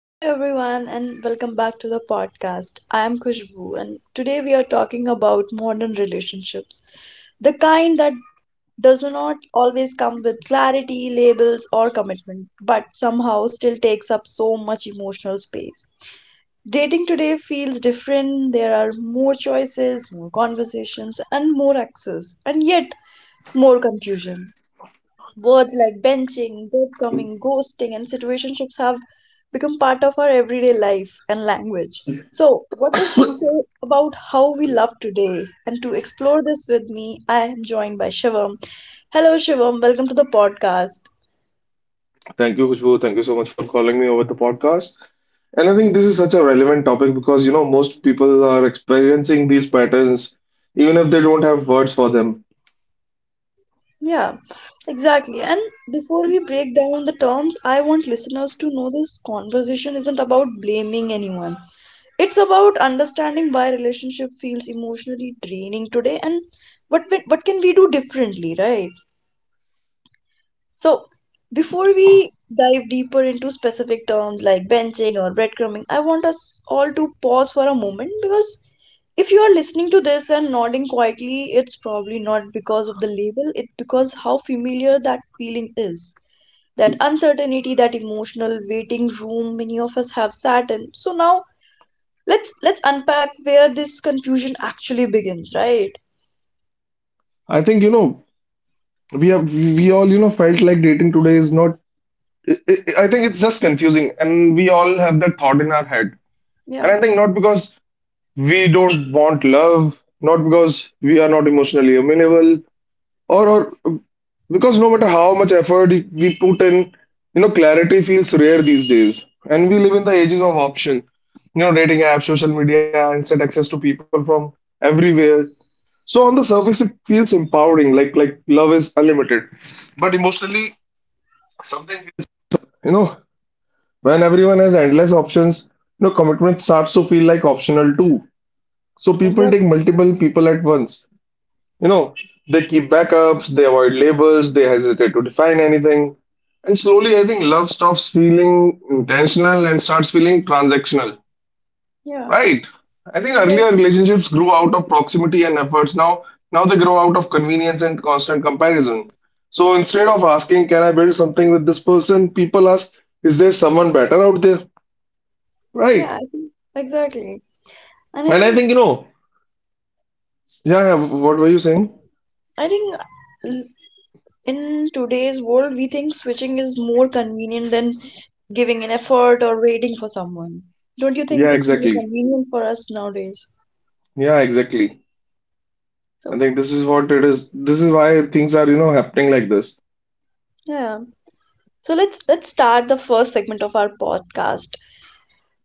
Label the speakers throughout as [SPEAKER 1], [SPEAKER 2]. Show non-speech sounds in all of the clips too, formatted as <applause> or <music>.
[SPEAKER 1] Hello, everyone, and welcome back to the podcast. I am Khushbu, and today we are talking about modern relationships, the kind that does not always come with clarity, labels, or commitment, but somehow still takes up so much emotional space. Dating today feels different. There are more choices, more conversations, and more access, and yet more confusion. Words like benching, breadcrumbing, ghosting, and situationships have become part of our everyday life and language. So, what does this say about how we
[SPEAKER 2] Sorry.
[SPEAKER 1] love today? And to explore this with me, I am joined by Shivam. Hello, Shivam. Welcome to the podcast.
[SPEAKER 2] Thank you, Kushbu. Thank you so much for calling me over the podcast. And I think this is such a relevant topic because, most people are experiencing these patterns even if they don't have words for them.
[SPEAKER 1] Yeah, exactly. And before we break down the terms, I want listeners to know this conversation isn't about blaming anyone. It's about understanding why relationship feels emotionally draining today, and what can we do differently, right? So before we dive deeper into specific terms like benching or breadcrumbing, I want us all to pause for a moment, because if you are listening to this and nodding quietly, it's probably not because of the label, it's because how familiar that feeling is, that uncertainty, that emotional waiting room many of us have sat in. So now, let's unpack where this confusion actually begins, right?
[SPEAKER 2] I think, you know, we all felt like dating today is not I think it's just confusing and we all have that thought in our head.
[SPEAKER 1] Yeah,
[SPEAKER 2] And I think not because we don't want love, not because we are not emotionally amenable or because no matter how much effort we put in, clarity feels rare these days. And we live in the ages of option, dating apps, social media, instant access to people from everywhere. So on the surface, it feels empowering, like love is unlimited. But emotionally, something feels, you know, when everyone has endless options, commitment starts to feel like optional too. So people take
[SPEAKER 1] exactly.
[SPEAKER 2] multiple people at once. You know, they keep backups, they avoid labels, they hesitate to define anything. And slowly, I think love stops feeling intentional and starts feeling transactional.
[SPEAKER 1] Yeah,
[SPEAKER 2] Right. I think earlier
[SPEAKER 1] exactly.
[SPEAKER 2] relationships grew out of proximity and efforts. Now they grow out of convenience and constant comparison. So instead of asking, can I build something with this person? People ask, is there someone better out there?
[SPEAKER 1] Yeah,
[SPEAKER 2] Right.
[SPEAKER 1] I think, exactly. And i
[SPEAKER 2] And I
[SPEAKER 1] think
[SPEAKER 2] think, yeah, yeah, what were you saying?
[SPEAKER 1] i think l- in today's world we think switching is more convenient than giving an effort or waiting for someone. Don't you think
[SPEAKER 2] Yeah,
[SPEAKER 1] it's more
[SPEAKER 2] exactly.
[SPEAKER 1] convenient for us nowadays?
[SPEAKER 2] Yeah, exactly.
[SPEAKER 1] So
[SPEAKER 2] I think this is what it is. This is why things are, happening like this.
[SPEAKER 1] yeah, so let's start the first segment of our podcast.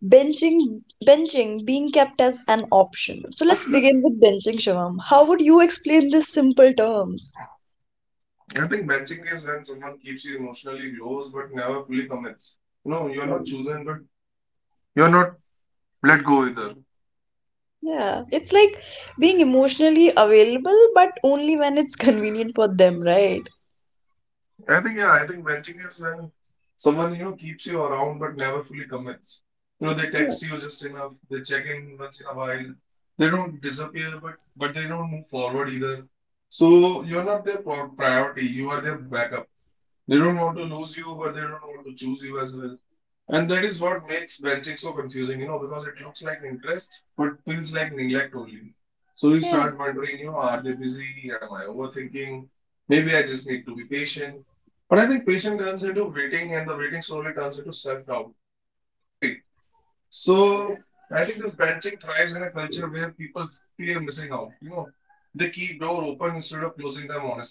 [SPEAKER 1] Benching, benching being kept as an option. So let's begin with benching, Shivam. How would you explain this simple terms?
[SPEAKER 2] I think benching is when someone keeps you emotionally close but never fully commits. You know, you're
[SPEAKER 1] Yeah,
[SPEAKER 2] not chosen, but you're not let go either.
[SPEAKER 1] yeah, it's like being emotionally available, but only when it's <laughs> convenient for them, right?
[SPEAKER 2] I think, yeah, I think benching is when someone, keeps you around but never fully commits. You know, they
[SPEAKER 1] Yeah,
[SPEAKER 2] text you just enough, they check in once in a while, they don't disappear, but they don't move forward either. So you're not their pro priority, you are their backup. They don't want to lose you, but they don't want to choose you as well. And that is what makes benching so confusing, because it looks like interest but feels like neglect only. So you
[SPEAKER 1] yeah,
[SPEAKER 2] start wondering, are they busy? Am I overthinking? Maybe I just need to be patient. But I think patient turns into waiting and the waiting slowly turns into self-doubt, right? So I think this benching thrives in a culture where people fear missing out, you know. They keep door open instead of closing them honestly.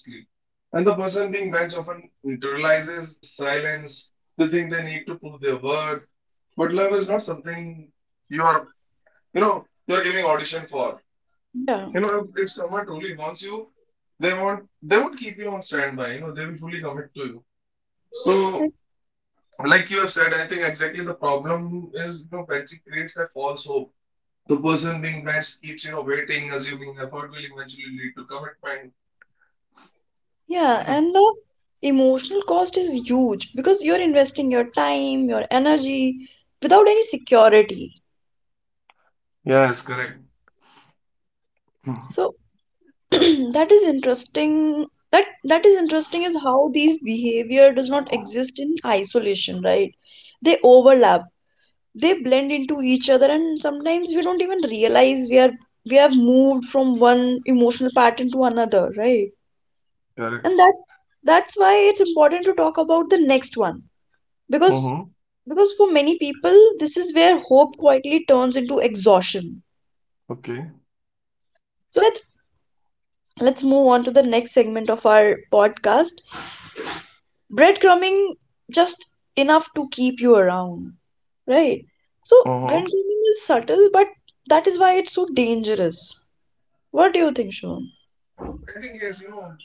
[SPEAKER 2] And the person being benched often internalizes the silence. They think they need to prove their worth. But love is not something you are, you're giving audition for.
[SPEAKER 1] yeah,
[SPEAKER 2] You know, if someone truly wants you, they won't keep you on standby. You know, they will fully commit to you. So, like you have said, I think exactly the problem is, benching creates that false hope. The person being benched keeps, waiting, assuming effort will eventually lead to commitment.
[SPEAKER 1] yeah. And the emotional cost is huge because you're investing your time, your energy without any security.
[SPEAKER 2] Yes, correct.
[SPEAKER 1] So
[SPEAKER 2] <laughs>
[SPEAKER 1] <clears throat> that is interesting that is interesting is how these behavior does not exist in isolation, right? They overlap, they blend into each other, and sometimes we don't even realize we have moved from one emotional pattern to another, right?
[SPEAKER 2] Correct.
[SPEAKER 1] And that's why it's important to talk about the next one, because
[SPEAKER 2] Mm-hmm.
[SPEAKER 1] because for many people this is where hope quietly turns into exhaustion.
[SPEAKER 2] Okay.
[SPEAKER 1] So let's move on to the next segment of our podcast, breadcrumbing, just enough to keep you around, right? So
[SPEAKER 2] Uh-huh.
[SPEAKER 1] breadcrumbing is subtle, but that is why it's so dangerous. What do you think, Shivam?
[SPEAKER 2] I think yes,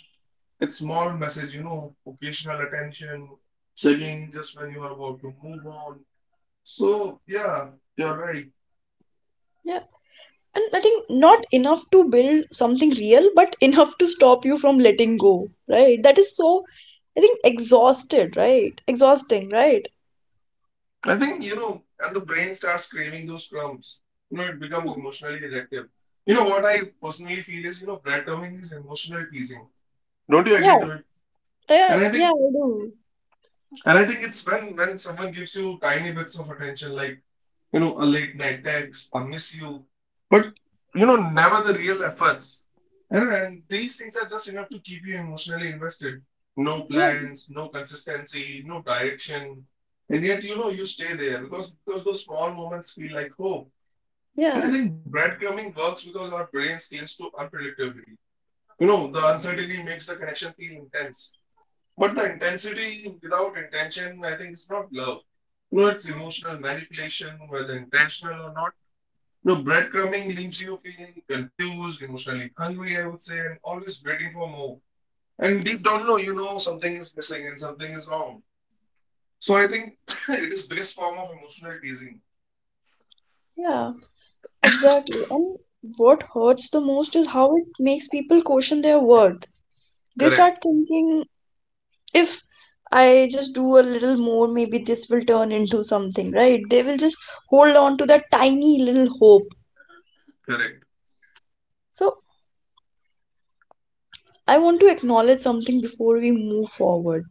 [SPEAKER 2] it's small message, occasional attention, checking just when you are about to move on. So yeah, you're right.
[SPEAKER 1] Yeah, and I think not enough to build something real, but <laughs> enough to stop you from letting go, right? That is so, I think, exhausted, right? Exhausting, right?
[SPEAKER 2] I think, and the brain starts craving those crumbs. You know, it becomes emotionally addictive. You know what I personally feel is, breadcrumbing is emotional teasing. Don't you agree
[SPEAKER 1] Yeah,
[SPEAKER 2] to it?
[SPEAKER 1] yeah,
[SPEAKER 2] And I
[SPEAKER 1] yeah,
[SPEAKER 2] think
[SPEAKER 1] I do.
[SPEAKER 2] and I think it's when someone gives you tiny bits of attention, like a late night text, I miss you, but never the real efforts. And these things are just enough to keep you emotionally invested. No
[SPEAKER 1] Yeah,
[SPEAKER 2] plans, no consistency, no direction. And yet, you stay there because those small moments feel like hope. And I
[SPEAKER 1] yeah,
[SPEAKER 2] think breadcrumbing works because our brain scales to unpredictability. You know, the uncertainty makes the connection feel intense. But the intensity without intention, I think, is not love. You know, it's emotional manipulation, whether intentional or not. No, breadcrumbing leaves you feeling confused, emotionally hungry, I would say, and always waiting for more. And deep down, no, you know something is missing and something is wrong. So I think <laughs> <clears throat> it is best form of emotional teasing.
[SPEAKER 1] yeah, exactly. And what hurts the most is how it makes people question their worth. They
[SPEAKER 2] Correct,
[SPEAKER 1] start thinking, if I just do a little more, maybe this will turn into something, right? They will just hold on to that tiny little hope.
[SPEAKER 2] correct.
[SPEAKER 1] So, I want to acknowledge something before we move forward,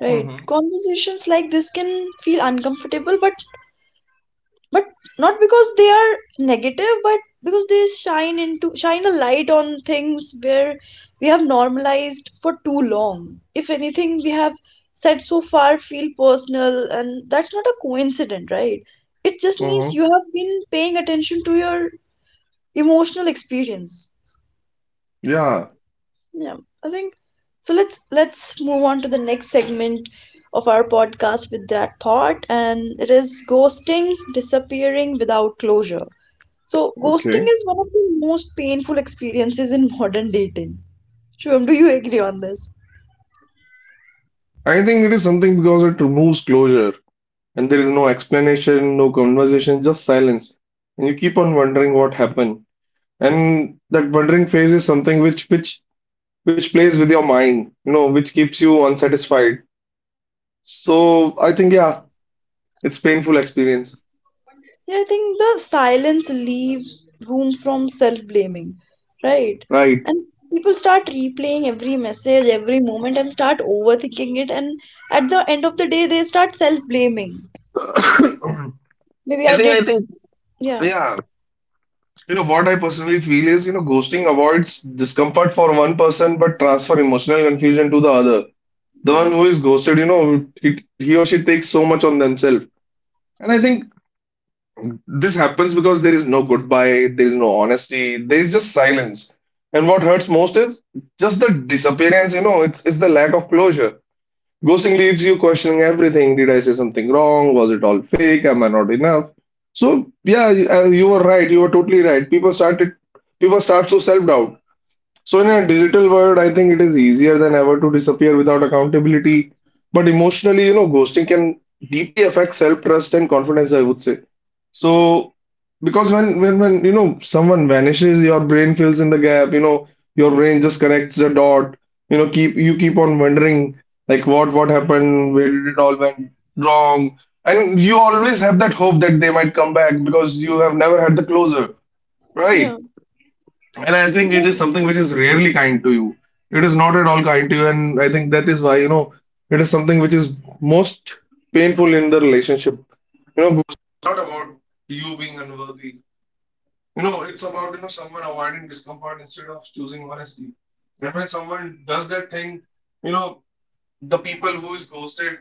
[SPEAKER 1] right?
[SPEAKER 2] Mm-hmm.
[SPEAKER 1] Conversations like this can feel uncomfortable, but not because they are negative, but because they shine a light on things where we have normalized for too long. If anything we have said so far feel personal, and that's not a coincidence, right? It just means
[SPEAKER 2] Mm-hmm.
[SPEAKER 1] you have been paying attention to your emotional experience.
[SPEAKER 2] Yeah.
[SPEAKER 1] Yeah, I think so. Let's move on to the next segment of our podcast with that thought, and it is ghosting, disappearing without closure. So, ghosting
[SPEAKER 2] Okay.
[SPEAKER 1] is one of the most painful experiences in modern dating. Shubham, do you agree on this?
[SPEAKER 2] I think it is something because it removes closure and there is no explanation, no conversation, just silence. And you keep on wondering what happened. And that wondering phase is something which plays with your mind, which keeps you unsatisfied. So I think yeah, it's painful experience,
[SPEAKER 1] Yeah, I think the silence leaves room from self-blaming, right?
[SPEAKER 2] right?
[SPEAKER 1] And people start replaying every message, every moment, and start overthinking it. And at the end of the day, they start self-blaming.
[SPEAKER 2] <coughs> I
[SPEAKER 1] Maybe I
[SPEAKER 2] think I
[SPEAKER 1] did,
[SPEAKER 2] think
[SPEAKER 1] yeah,
[SPEAKER 2] yeah, you know what I personally feel is you know ghosting avoids discomfort for one person but transfer emotional confusion to the other. The one who is ghosted, he or she takes so much on themselves. And I think this happens because there is no goodbye, there is no honesty, there is just silence. And what hurts most is just the disappearance, you know, it's the lack of closure. Ghosting leaves you questioning everything. Did I say something wrong? Was it all fake? Am I not enough? So yeah, you were right. You were totally right. People start to self doubt. So, in a digital world, I think it is easier than ever to disappear without accountability. But emotionally, ghosting can deeply affect self-trust and confidence, I would say. So, because when you know someone vanishes, your brain fills in the gap, your brain just connects the dot, keep on wondering like what happened, where did it all went wrong? And you always have that hope that they might come back because you have never had the closure, right?
[SPEAKER 1] yeah,
[SPEAKER 2] And I think it
[SPEAKER 1] yeah.
[SPEAKER 2] is something which is rarely kind to you. It is not at all kind to you, and I think that is why, it is something which is most painful in the relationship. You know, because it's not about you being unworthy. You know, it's about, someone avoiding discomfort instead of choosing honesty. And when someone does that thing, you know, the people who is ghosted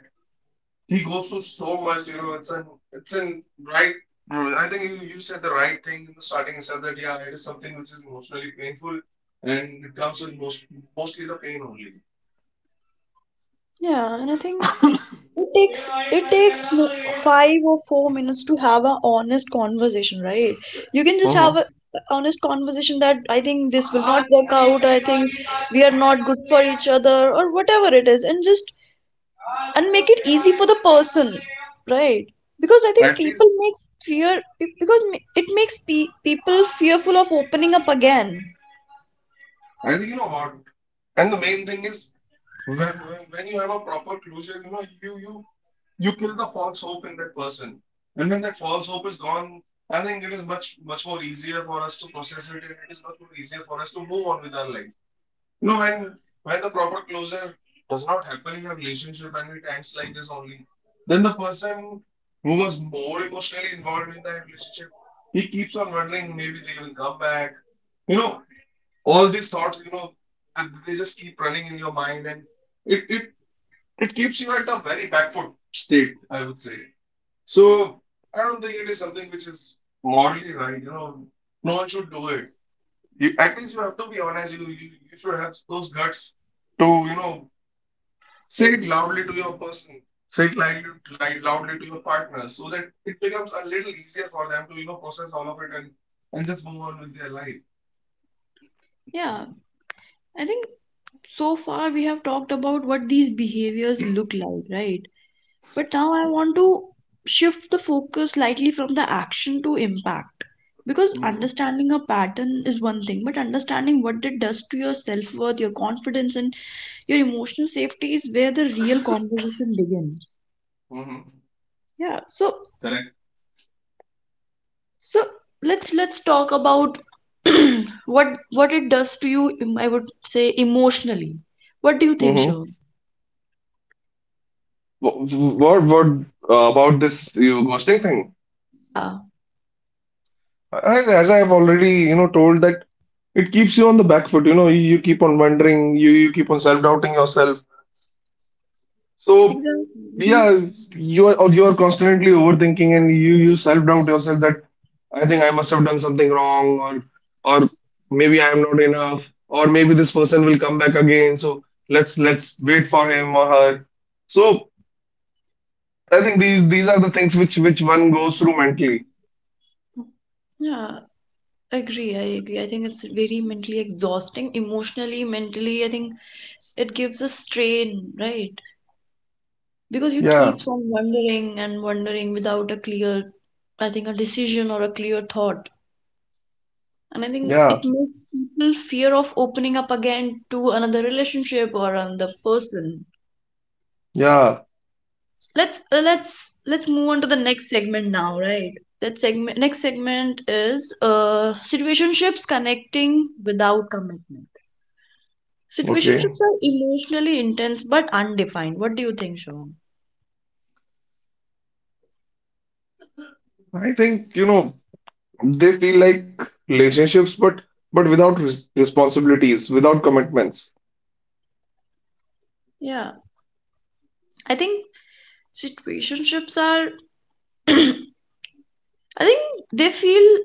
[SPEAKER 2] he goes through so much, you know, it's an right I think you said the right thing in the starting itself that yeah, it is something which is emotionally painful and it comes with mostly the pain only.
[SPEAKER 1] Yeah, and I think it takes 5 or 4 minutes to have an honest conversation, right? You can just have
[SPEAKER 2] Mm-hmm.
[SPEAKER 1] a honest conversation that I think this will not work out. I think we are not good for each other, or whatever it is, and make it easy for the person, right? Because I think
[SPEAKER 2] At
[SPEAKER 1] people
[SPEAKER 2] least
[SPEAKER 1] makes fear be- because ma- it makes people fearful of opening up again.
[SPEAKER 2] I think you know what and the main thing is when, when you have a proper closure, you you kill the false hope in that person. And when that false hope is gone, I think it is much more easier for us to process it and it is much more easier for us to move on with our life. No, when the proper closure does not happen in a relationship and it ends like this only, then the person who was more emotionally involved in that relationship, he keeps on wondering maybe they will come back. You know, all these thoughts, they just keep running in your mind and it it it keeps you at a very backward state, I would say. So I don't think it is something which is morally right, you know. No one should do it. At least you have to be honest. You should have those guts to you know say it loudly to your person, say it loudly, like, loudly to your partner, so that it becomes a little easier for them to process all of it and just move on with their life.
[SPEAKER 1] Yeah, I think so far we have talked about what these behaviors look like, right? But now I want to shift the focus slightly from the action to impact. Because
[SPEAKER 2] Mm-hmm.
[SPEAKER 1] understanding a pattern is one thing, but understanding what it does to your self worth, your confidence, and your emotional safety is where the real conversation begins.
[SPEAKER 2] Mm-hmm.
[SPEAKER 1] Yeah. So
[SPEAKER 2] Correct.
[SPEAKER 1] so let's talk about <clears throat> what it does to you. I would say emotionally. What do you think,
[SPEAKER 2] Mm-hmm.
[SPEAKER 1] Shivam?
[SPEAKER 2] What what about this you ghosting thing?
[SPEAKER 1] Yeah.
[SPEAKER 2] As I've already you know told that it keeps you on the back foot. You know you keep on wondering, you keep on self doubting yourself. So
[SPEAKER 1] Exactly. Mhm.
[SPEAKER 2] yeah, you are or you are constantly overthinking and you self-doubt yourself that I think I must have done something wrong or maybe I am not enough or maybe this person will come back again. So let's wait for him or her. So I think these are the things which one goes through mentally.
[SPEAKER 1] Yeah. I agree. I think it's very mentally exhausting, emotionally, mentally. I think it gives a strain, right? Because you
[SPEAKER 2] Yeah,
[SPEAKER 1] keeps on wondering and wondering without a clear, I think, a decision or a clear thought. And I think it
[SPEAKER 2] yeah,
[SPEAKER 1] makes people fear of opening up again to another relationship or another person.
[SPEAKER 2] yeah.
[SPEAKER 1] Let's move on to the next segment now, right? That segment, next segment is situationships, connecting without commitment. Situationships
[SPEAKER 2] Okay.
[SPEAKER 1] are emotionally intense but undefined. What do you think, Shivam?
[SPEAKER 2] I think you know they feel like relationships, but without res responsibilities, without commitments.
[SPEAKER 1] Yeah, I think situationships are. <clears throat> I think they feel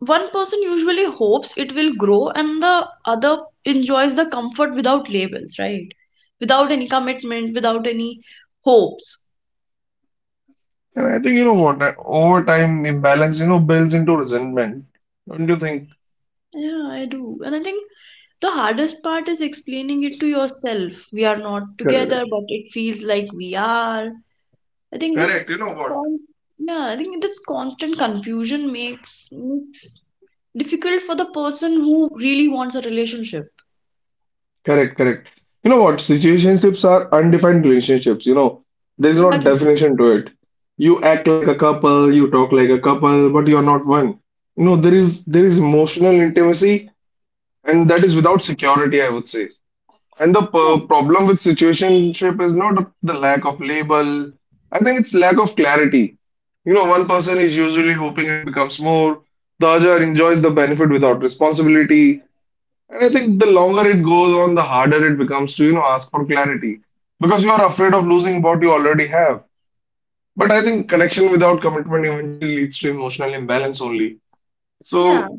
[SPEAKER 1] one person usually hopes it will grow and the other enjoys the comfort without labels, right? Without any commitment, without any hopes.
[SPEAKER 2] And I think you know what, that over time imbalance, builds into resentment. Don't you think?
[SPEAKER 1] Yeah, I do. And I think the hardest part is explaining it to yourself. We are not together,
[SPEAKER 2] Correct.
[SPEAKER 1] but it feels like we are. I think
[SPEAKER 2] Correct. You know what?
[SPEAKER 1] cons this constant confusion makes difficult for the person who really wants a relationship.
[SPEAKER 2] Correct, correct. You know what? Situationships are undefined relationships, you know. There's no
[SPEAKER 1] Exactly.
[SPEAKER 2] definition to it. You act like a couple, you talk like a couple, but you're not one. You know, there is emotional intimacy and that is without security, I would say. And the
[SPEAKER 1] Yeah.
[SPEAKER 2] per problem with situationship is not the lack of label. I think it's lack of clarity. You know, one person is usually hoping it becomes more. The other enjoys the benefit without responsibility. And I think the longer it goes on, the harder it becomes to, you know, ask for clarity because you are afraid of losing what you already have. But I think connection without commitment eventually leads to emotional imbalance only.
[SPEAKER 1] Yeah.
[SPEAKER 2] So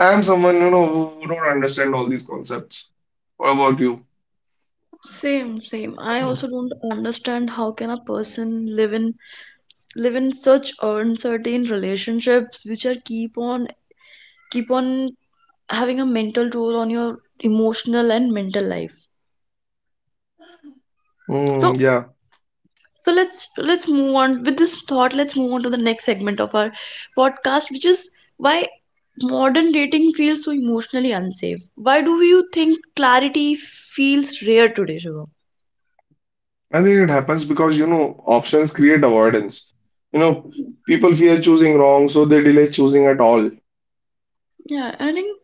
[SPEAKER 2] I'm someone, you know, who don't understand all these concepts. What about you?
[SPEAKER 1] Same, same. I also don't understand how can a person live in such uncertain relationships which are keep on having a mental toll on your emotional and mental life. So
[SPEAKER 2] Yeah,
[SPEAKER 1] so let's move on with this thought. Let's move on to the next segment of our podcast, which is why modern dating feels so emotionally unsafe. Why do you think clarity feels rare today, Shubham?
[SPEAKER 2] I think it happens because, you know, options create avoidance. You know, people fear choosing wrong, so they delay choosing at all.
[SPEAKER 1] Yeah, I think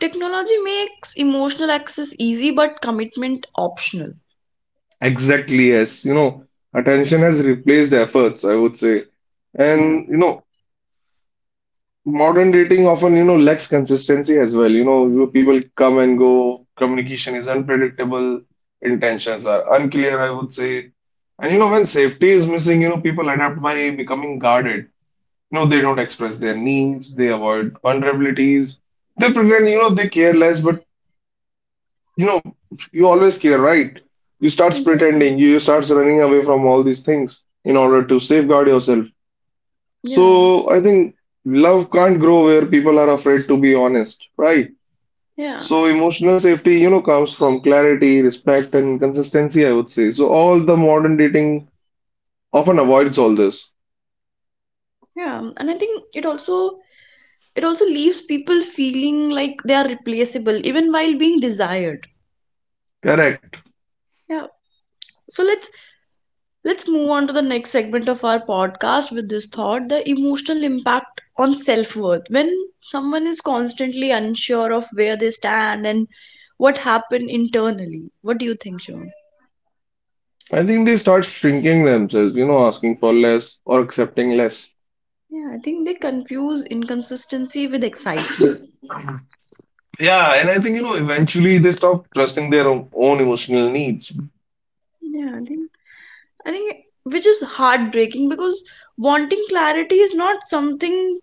[SPEAKER 1] technology makes emotional access easy but commitment optional.
[SPEAKER 2] Exactly, yes. You know, attention has replaced efforts, I would say.
[SPEAKER 1] Yeah,
[SPEAKER 2] And, you know, modern dating often, you know, lacks consistency as well. People come and go, communication is unpredictable, intentions are unclear, I would say. And you know, when safety is missing, you know, people adapt by becoming guarded. You know, they don't express their needs, they avoid vulnerabilities, they pretend, you know, they care less, but you know, you always care, right? You start
[SPEAKER 1] exactly.
[SPEAKER 2] pretending, you start running away from all these things in order to safeguard yourself.
[SPEAKER 1] Yeah,
[SPEAKER 2] So I think love can't grow where people are afraid to be honest, right?
[SPEAKER 1] yeah,
[SPEAKER 2] So emotional safety, you know, comes from clarity, respect, and consistency, I would say. So all the modern dating often avoids all this.
[SPEAKER 1] yeah. And I think it also leaves people feeling like they are replaceable even while being desired.
[SPEAKER 2] Correct.
[SPEAKER 1] Yeah, so let's move on to the next segment of our podcast with this thought, the emotional impact on self worth. When someone is constantly unsure of where they stand and what happened internally, what do you think, Shivam?
[SPEAKER 2] I think they start shrinking themselves, you know, asking for less or accepting less.
[SPEAKER 1] Yeah, I think they confuse inconsistency with excitement.
[SPEAKER 2] Yeah, and I think, you know, eventually they stop trusting their own emotional needs.
[SPEAKER 1] Yeah, I think which is heartbreaking, because wanting clarity is not something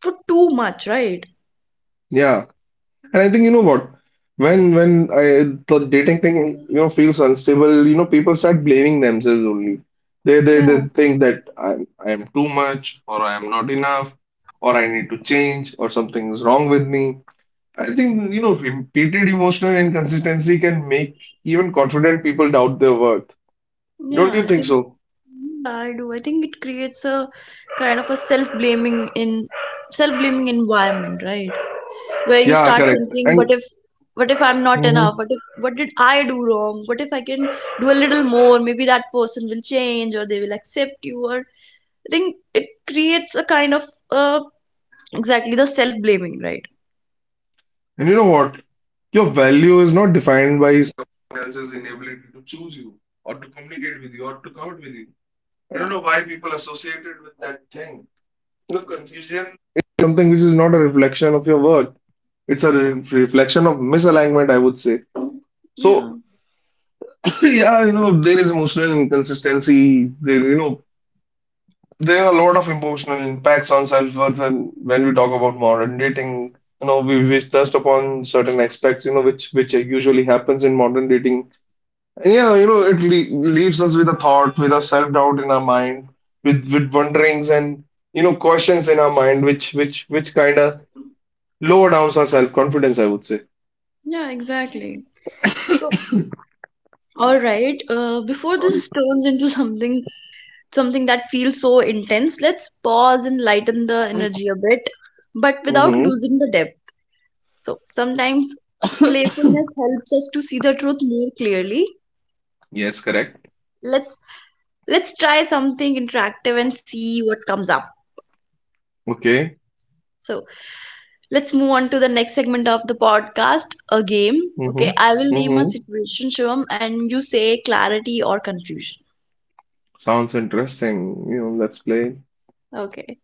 [SPEAKER 1] for too much, right?
[SPEAKER 2] Yeah. And I think you know what, when when I, the dating thing you know feels unstable, you know people start blaming themselves only. They they
[SPEAKER 1] Yeah.
[SPEAKER 2] they think that I am too much or I am not enough or I need to change or something is wrong with me. I think you know repeated emotional inconsistency can make even confident people doubt their worth.
[SPEAKER 1] Yeah,
[SPEAKER 2] Don't you
[SPEAKER 1] I
[SPEAKER 2] think
[SPEAKER 1] think
[SPEAKER 2] so?
[SPEAKER 1] yeah, I do. I think it creates a kind of a self-blaming environment, right? Where you
[SPEAKER 2] Yeah,
[SPEAKER 1] start
[SPEAKER 2] correct.
[SPEAKER 1] thinking,
[SPEAKER 2] And
[SPEAKER 1] what if I'm not enough?
[SPEAKER 2] mhm.
[SPEAKER 1] What if, what did I do wrong? What if I can do a little more? Maybe that person will change or they will accept you. Or I think it creates a kind of uh, exactly the self-blaming, right?
[SPEAKER 2] And you know what? Your value is not defined by someone else's inability to choose you or to communicate with you or to come out with you. I
[SPEAKER 1] Yeah,
[SPEAKER 2] don't know why people associate it with that thing. You know, confusion is something which is not a reflection of your worth. It's a reflection of misalignment, I would say.
[SPEAKER 1] yeah,
[SPEAKER 2] So, <coughs> <clears throat> yeah, you know, there is emotional inconsistency. There, you know, there are a lot of emotional impacts on self-worth when we talk about modern dating. You know, we touched upon certain aspects, you know, which usually happens in modern dating. Yeah, you know, it le leaves us with a thought, with a self-doubt in our mind, with wonderings and you know questions in our mind, which kind of lower downs our self-confidence, I would say.
[SPEAKER 1] yeah, exactly. So, all right. Before
[SPEAKER 2] Sorry.
[SPEAKER 1] this turns into something that feels so intense, let's pause and lighten the energy a bit, but without
[SPEAKER 2] Mm-hmm.
[SPEAKER 1] losing the depth. So sometimes playfulness helps us to see the truth more clearly.
[SPEAKER 2] Yes, correct.
[SPEAKER 1] Let's let's try something interactive and see what comes up.
[SPEAKER 2] Okay.
[SPEAKER 1] So let's move on to the next segment of the podcast, a game. Okay,
[SPEAKER 2] Mm-hmm.
[SPEAKER 1] I will name a
[SPEAKER 2] Mm-hmm.
[SPEAKER 1] situation, Shivam, and you say clarity or confusion.
[SPEAKER 2] Sounds interesting. You know, let's play.
[SPEAKER 1] Okay.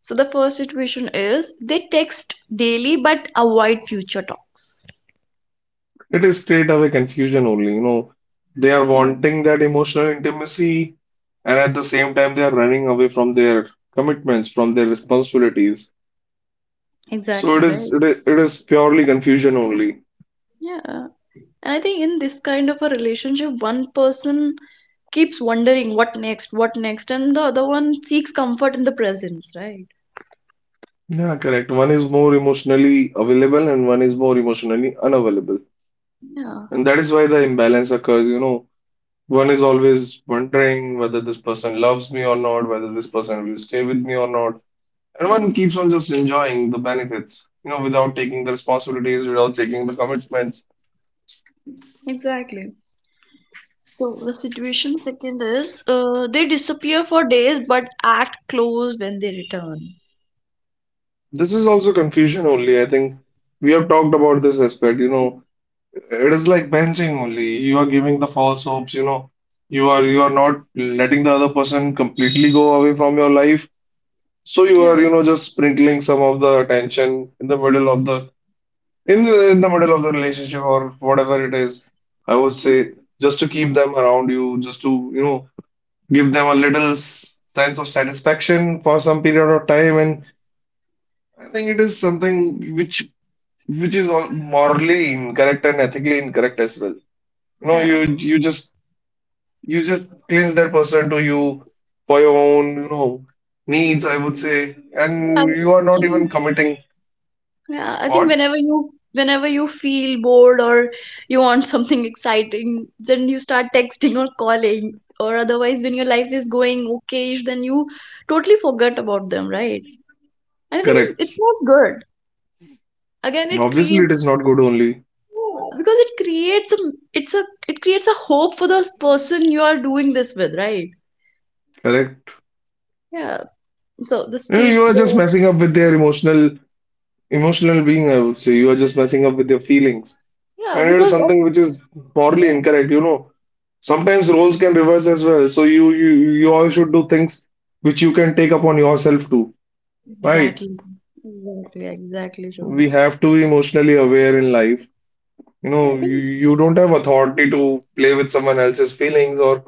[SPEAKER 1] So the first situation is, they text daily but avoid future talks.
[SPEAKER 2] It is straight away confusion only. You know, they are
[SPEAKER 1] Yeah.
[SPEAKER 2] wanting that emotional intimacy, and at the same time, they are running away from their commitments, from their responsibilities. So
[SPEAKER 1] Exactly, right?
[SPEAKER 2] it is purely confusion only.
[SPEAKER 1] Yeah. And I think in this kind of a relationship, one person keeps wondering what next, and the other one seeks comfort in the presence, right?
[SPEAKER 2] Yeah, correct. One is more emotionally available and one is more emotionally unavailable.
[SPEAKER 1] Yeah.
[SPEAKER 2] And that is why the imbalance occurs, you know. One is always wondering whether this person loves me or not, whether this person will stay with me or not. And
[SPEAKER 1] Yeah.
[SPEAKER 2] one keeps on just enjoying the benefits, you know, without taking the responsibilities, without taking the commitments.
[SPEAKER 1] Exactly. So the situation second is, they disappear for days but act close when they return.
[SPEAKER 2] This is also confusion only. I think we have talked about this aspect, you know. It is like benching only. You are giving the false hopes, you know. You are not letting the other person completely go away from your life. So you
[SPEAKER 1] Yeah.
[SPEAKER 2] are, you know, just sprinkling some of the attention in the middle of the in the middle of the relationship or whatever it is. I would
[SPEAKER 1] I think-
[SPEAKER 2] say just to
[SPEAKER 1] Yeah.
[SPEAKER 2] keep them around you, just to, you know, give them a little sense of satisfaction for some period of time. And I think it is something which is all morally incorrect and ethically incorrect as well. You know
[SPEAKER 1] Yeah.
[SPEAKER 2] you you just You just cleanse that person to you for your own, you know, needs, I would say,
[SPEAKER 1] I
[SPEAKER 2] and you are not
[SPEAKER 1] I
[SPEAKER 2] even
[SPEAKER 1] think
[SPEAKER 2] committing
[SPEAKER 1] Yeah, I think
[SPEAKER 2] what?
[SPEAKER 1] whenever you feel bored or you want <laughs> something exciting, then you start texting or calling. Or otherwise, when your life is going okayish, then you totally forget about them, right? And I think it's
[SPEAKER 2] Correct.
[SPEAKER 1] not good. Again, it
[SPEAKER 2] Obviously, it is
[SPEAKER 1] creates
[SPEAKER 2] not good only.
[SPEAKER 1] Yeah, because it creates a it's a it creates a hope for the person you are doing this with, right?
[SPEAKER 2] Correct.
[SPEAKER 1] Yeah. So the
[SPEAKER 2] You know, you
[SPEAKER 1] state,
[SPEAKER 2] are just
[SPEAKER 1] the
[SPEAKER 2] messing up with their emotional being, I would say. You are just messing up with their feelings.
[SPEAKER 1] Yeah,
[SPEAKER 2] And it is
[SPEAKER 1] because of
[SPEAKER 2] something which is morally
[SPEAKER 1] yeah,
[SPEAKER 2] incorrect, you know. Sometimes roles can reverse as well. So you all should do things which you can take upon yourself too, right?
[SPEAKER 1] exactly, exactly, exactly, Sean.
[SPEAKER 2] We have to be emotionally aware in life. you know
[SPEAKER 1] I
[SPEAKER 2] you,
[SPEAKER 1] think
[SPEAKER 2] you don't have authority to play with someone else's feelings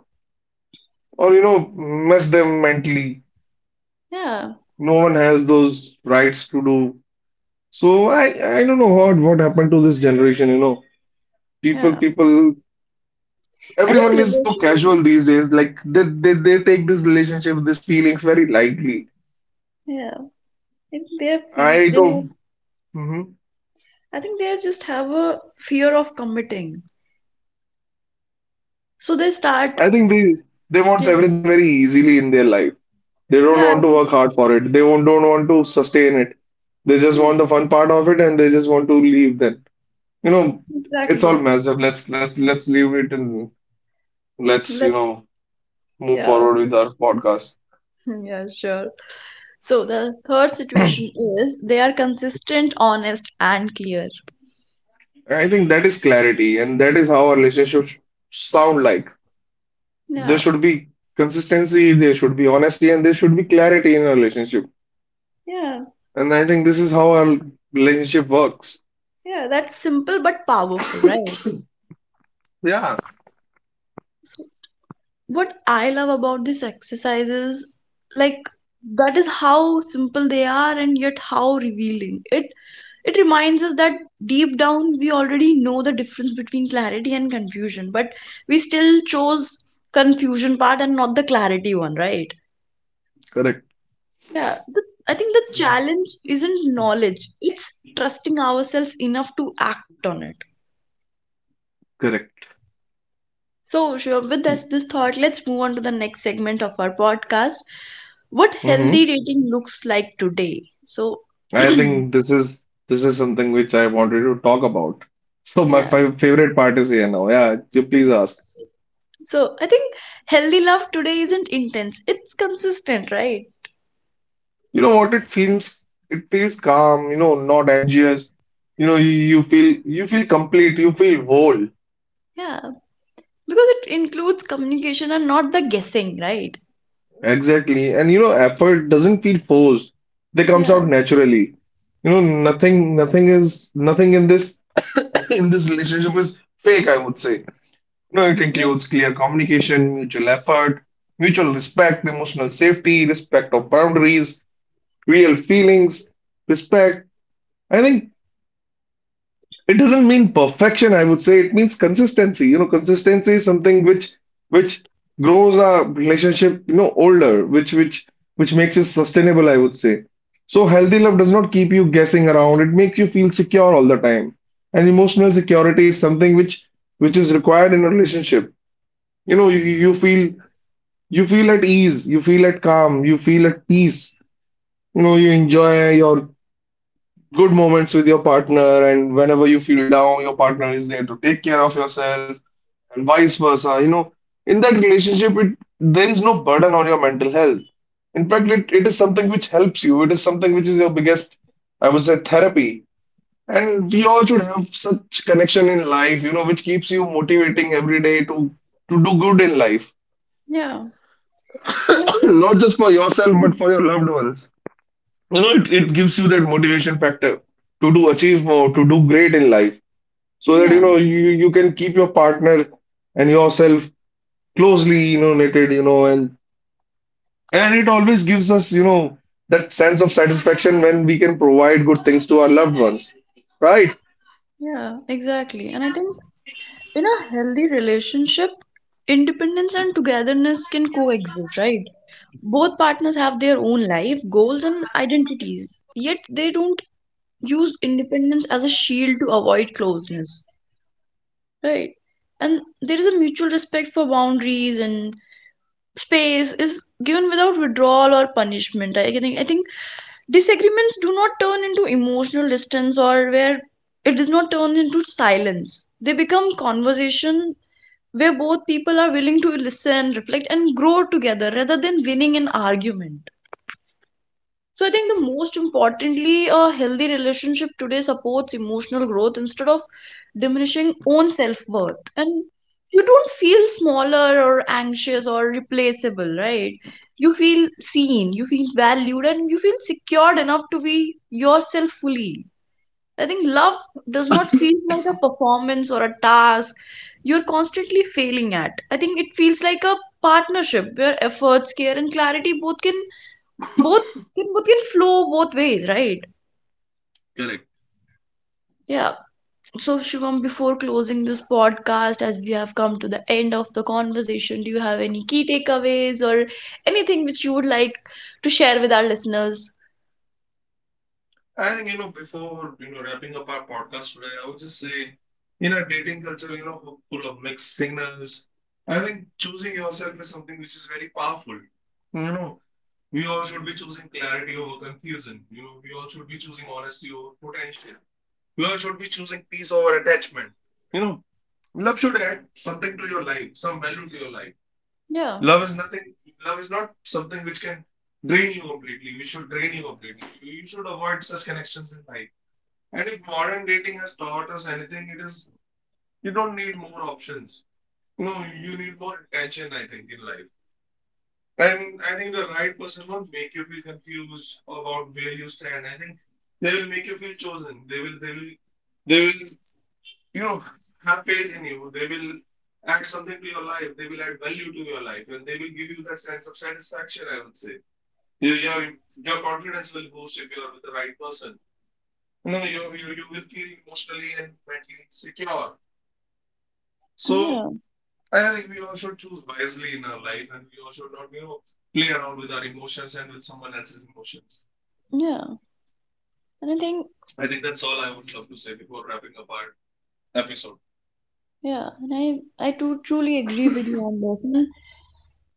[SPEAKER 2] or you know mess them mentally.
[SPEAKER 1] yeah,
[SPEAKER 2] No one has those rights to do so. I don't know what happened to this generation, you know,
[SPEAKER 1] yeah.
[SPEAKER 2] people,
[SPEAKER 1] I think
[SPEAKER 2] everyone is so
[SPEAKER 1] relation,
[SPEAKER 2] casual these days. They take this relationship, these feelings very lightly.
[SPEAKER 1] yeah, I think they are, fe-
[SPEAKER 2] I
[SPEAKER 1] they
[SPEAKER 2] don't.
[SPEAKER 1] have,
[SPEAKER 2] Mhm.
[SPEAKER 1] I think they just have a fear of committing, so they start,
[SPEAKER 2] I think they want
[SPEAKER 1] yeah,
[SPEAKER 2] everything very easily in their life. They don't
[SPEAKER 1] yeah,
[SPEAKER 2] want to work hard for it. They won't, don't want to sustain it. They just
[SPEAKER 1] yeah,
[SPEAKER 2] want the fun part of it and they just want to leave then. You know, it's all
[SPEAKER 1] exactly.
[SPEAKER 2] messed up. Let's leave it and let's, you
[SPEAKER 1] Let,
[SPEAKER 2] know, move
[SPEAKER 1] yeah,
[SPEAKER 2] forward with
[SPEAKER 1] okay,
[SPEAKER 2] our podcast.
[SPEAKER 1] <laughs> yeah, sure. So the third situation is, they are consistent, honest, and clear.
[SPEAKER 2] And I think that is clarity and that is how our relationships sound like. There
[SPEAKER 1] Yeah,
[SPEAKER 2] should be consistency, there should be honesty, and there should be clarity in a relationship.
[SPEAKER 1] yeah,
[SPEAKER 2] And I think this is how our relationship works.
[SPEAKER 1] yeah. That's simple but powerful, right?
[SPEAKER 2] Yeah,
[SPEAKER 1] So what I love about this exercise is like that is how simple they are and yet how revealing. It reminds us that deep down we already know the difference between clarity and confusion, but we still chose confusion part and not the clarity one, right?
[SPEAKER 2] correct.
[SPEAKER 1] Yeah. I think the challenge isn't knowledge; it's trusting ourselves enough to act on it.
[SPEAKER 2] Correct.
[SPEAKER 1] So, Shivam, with this thought, let's move on to the next segment of our podcast. What healthy
[SPEAKER 2] Mhm.
[SPEAKER 1] dating looks like today. So, <clears throat>
[SPEAKER 2] I think this is something which I wanted to talk about. So my
[SPEAKER 1] yeah.
[SPEAKER 2] fi favorite part is here now. Yeah, you please ask.
[SPEAKER 1] So, I think healthy love today isn't intense, it's consistent, right?
[SPEAKER 2] You know what? It feels calm. You know, not anxious. You know, you feel complete. You feel whole.
[SPEAKER 1] Yeah. Because it includes communication and not the guessing, right?
[SPEAKER 2] Exactly. And you know, effort doesn't feel forced. They comes
[SPEAKER 1] Yeah.
[SPEAKER 2] out naturally. You know, nothing in this <coughs> in this relationship is fake, I would say. You know, it
[SPEAKER 1] Mm.
[SPEAKER 2] includes clear communication, mutual effort, mutual respect, emotional safety, respect of boundaries, real feelings, respect. I think it doesn't mean perfection, I would say it means consistency. You know, consistency is something which grows a relationship, you know, older, which makes it sustainable, I would say. So healthy love does not keep you guessing around. It makes you feel secure all the time. And emotional security is something which is required in a relationship. You feel. You feel at ease, you feel at calm, you feel at peace. You know, you enjoy your good moments with your partner, and whenever you feel down, your partner is there to take care of yourself, and vice versa. You know, in that relationship, there is no burden on your mental health. In fact, it is something which helps you. It is something which is your biggest, I would say, therapy. And we all should have such connection in life, you know, which keeps you motivating every day to do good in life,
[SPEAKER 1] Yeah. And I
[SPEAKER 2] <coughs> not just for yourself, but
[SPEAKER 1] think,
[SPEAKER 2] for your loved ones. You know, it gives you that motivation factor to do achieve more, to do great in life, so that you
[SPEAKER 1] <clears throat> yeah,
[SPEAKER 2] know you can keep your partner and yourself closely you know knitted, you know, and it always gives us you know that sense of satisfaction when we can provide good things to our loved ones, right?
[SPEAKER 1] yeah, exactly. And I think in a healthy relationship, independence and togetherness can coexist, right? Both partners have their own life goals and identities, yet they don't use independence as a shield to avoid closeness, right? And there is a mutual respect for boundaries, and space is given without withdrawal or punishment. I think disagreements do not turn into emotional distance, or where it does not turn into silence, they become conversation where both people are willing to listen, reflect, and grow together rather than winning an argument. So I think, the most importantly, a healthy relationship today supports emotional growth instead of diminishing own self-worth. And you don't feel smaller or anxious or replaceable, right? You feel seen, you feel valued, and you feel secured enough to be yourself fully. I think love does not feel like a performance or a task you're constantly failing at. I think it feels like a partnership where efforts, care, and clarity both both can flow both ways, right?
[SPEAKER 2] Correct.
[SPEAKER 1] Yeah, so Shivam, before closing this podcast, as we have come to the end of the conversation, do you have any key takeaways or anything which you would like to share with our listeners?
[SPEAKER 2] I think, you know, before, you know, wrapping up our podcast today, I would just say, in a dating culture, you know, full of mixed signals, I think choosing yourself is something which is very powerful. You know, we all should be choosing clarity over confusion. You know, we all should be choosing honesty over potential. We all should be choosing peace over attachment. You know, love should add something to your life, some value to your life.
[SPEAKER 1] Yeah.
[SPEAKER 2] Love is nothing. Love is not something which can drain you completely. We should drain you completely. You should avoid such connections in life. And if modern dating has taught us anything, it is you don't need more options. You know, you need more attention. I think in life. And I think the right person won't make you feel confused about where you stand. I think they will make you feel chosen. They will, you know, have faith in you. They will add something to your life. They will add value to your life, and they will give you that sense of satisfaction. I would say your your your confidence will boost if you are with the right person. You know, you will feel emotionally and mentally secure.
[SPEAKER 1] Yeah.
[SPEAKER 2] So. I think we all should choose wisely in our life and we all should not, you know, play around with our emotions and with someone else's emotions.
[SPEAKER 1] Yeah and i think
[SPEAKER 2] I think that's all I would love to say before wrapping up our episode.
[SPEAKER 1] yeah, and I too, truly agree with you on this. And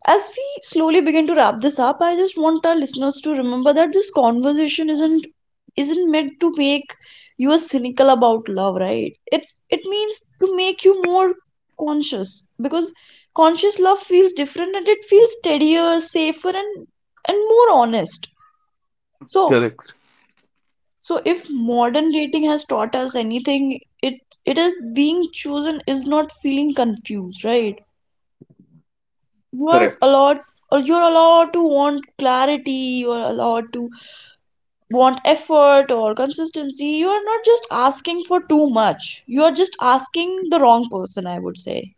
[SPEAKER 1] as we slowly begin to wrap this up, I just want our listeners to remember that this conversation isn't meant to make you a cynical about love, right? It's, it means to make you more conscious, because conscious love feels different, and it feels steadier, safer, and more honest. So
[SPEAKER 2] Correct,
[SPEAKER 1] so if modern dating has taught us anything, it is being chosen is not feeling confused, right?
[SPEAKER 2] correct,
[SPEAKER 1] You are allowed, or you're allowed to want clarity, you're allowed to want effort or consistency. You are not just asking for too much, you are just asking the wrong person, I would say.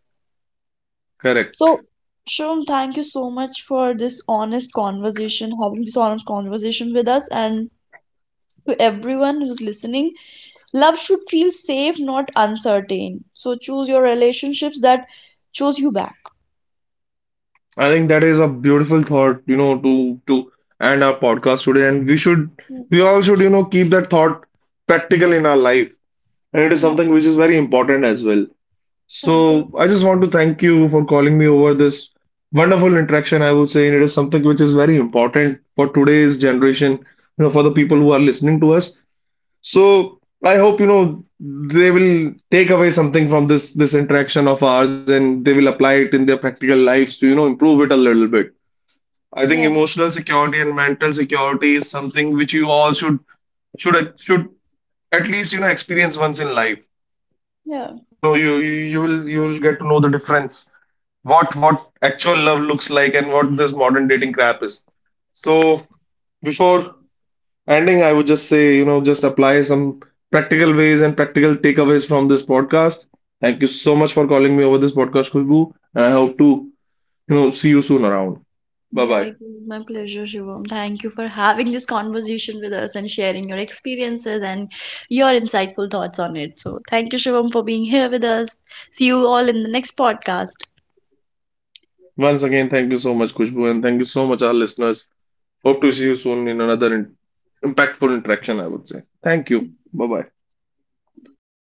[SPEAKER 2] Correct.
[SPEAKER 1] So Shum, thank you so much for this honest conversation, having this honest conversation with us, and to everyone who's listening. Love should feel safe, not uncertain. So choose your relationships that choose you back.
[SPEAKER 2] I think that is a beautiful thought, you know, to end our podcast today. And
[SPEAKER 1] Mm.
[SPEAKER 2] we all should, you know, keep that thought practical in our life. And it is
[SPEAKER 1] Yeah,
[SPEAKER 2] something which is very important as well.
[SPEAKER 1] yeah,
[SPEAKER 2] So
[SPEAKER 1] exactly.
[SPEAKER 2] I just want to thank you for calling me over this wonderful interaction. I would say it is something which is very important for today's generation, you know, for the people who are listening to us. So I hope, you know, they will take away something from this interaction of ours and they will apply it in their practical lives to, you know, improve it a little bit. I think
[SPEAKER 1] Yeah,
[SPEAKER 2] emotional security and mental security is something which you all should should at least, you know, experience once in life.
[SPEAKER 1] yeah.
[SPEAKER 2] You know you you will get to know the difference what actual love looks like and what this modern dating crap is. So before ending I would just say, you know, just apply some practical ways and practical takeaways from this podcast. Thank you so much for calling me over this podcast, Khushbu, and I hope to, you know, see you soon around. Bye
[SPEAKER 1] Yeah,
[SPEAKER 2] bye.
[SPEAKER 1] it was my pleasure, Shivam. Thank you for having this conversation with us and sharing your experiences and your insightful thoughts on it. So, thank you, Shivam, for being here with us. See you all in the next podcast.
[SPEAKER 2] Once again thank you so much Khushbu and thank you so much our listeners. Hope to see you soon in another impactful interaction, I would say. Thank you. Bye bye.
[SPEAKER 1] Bye.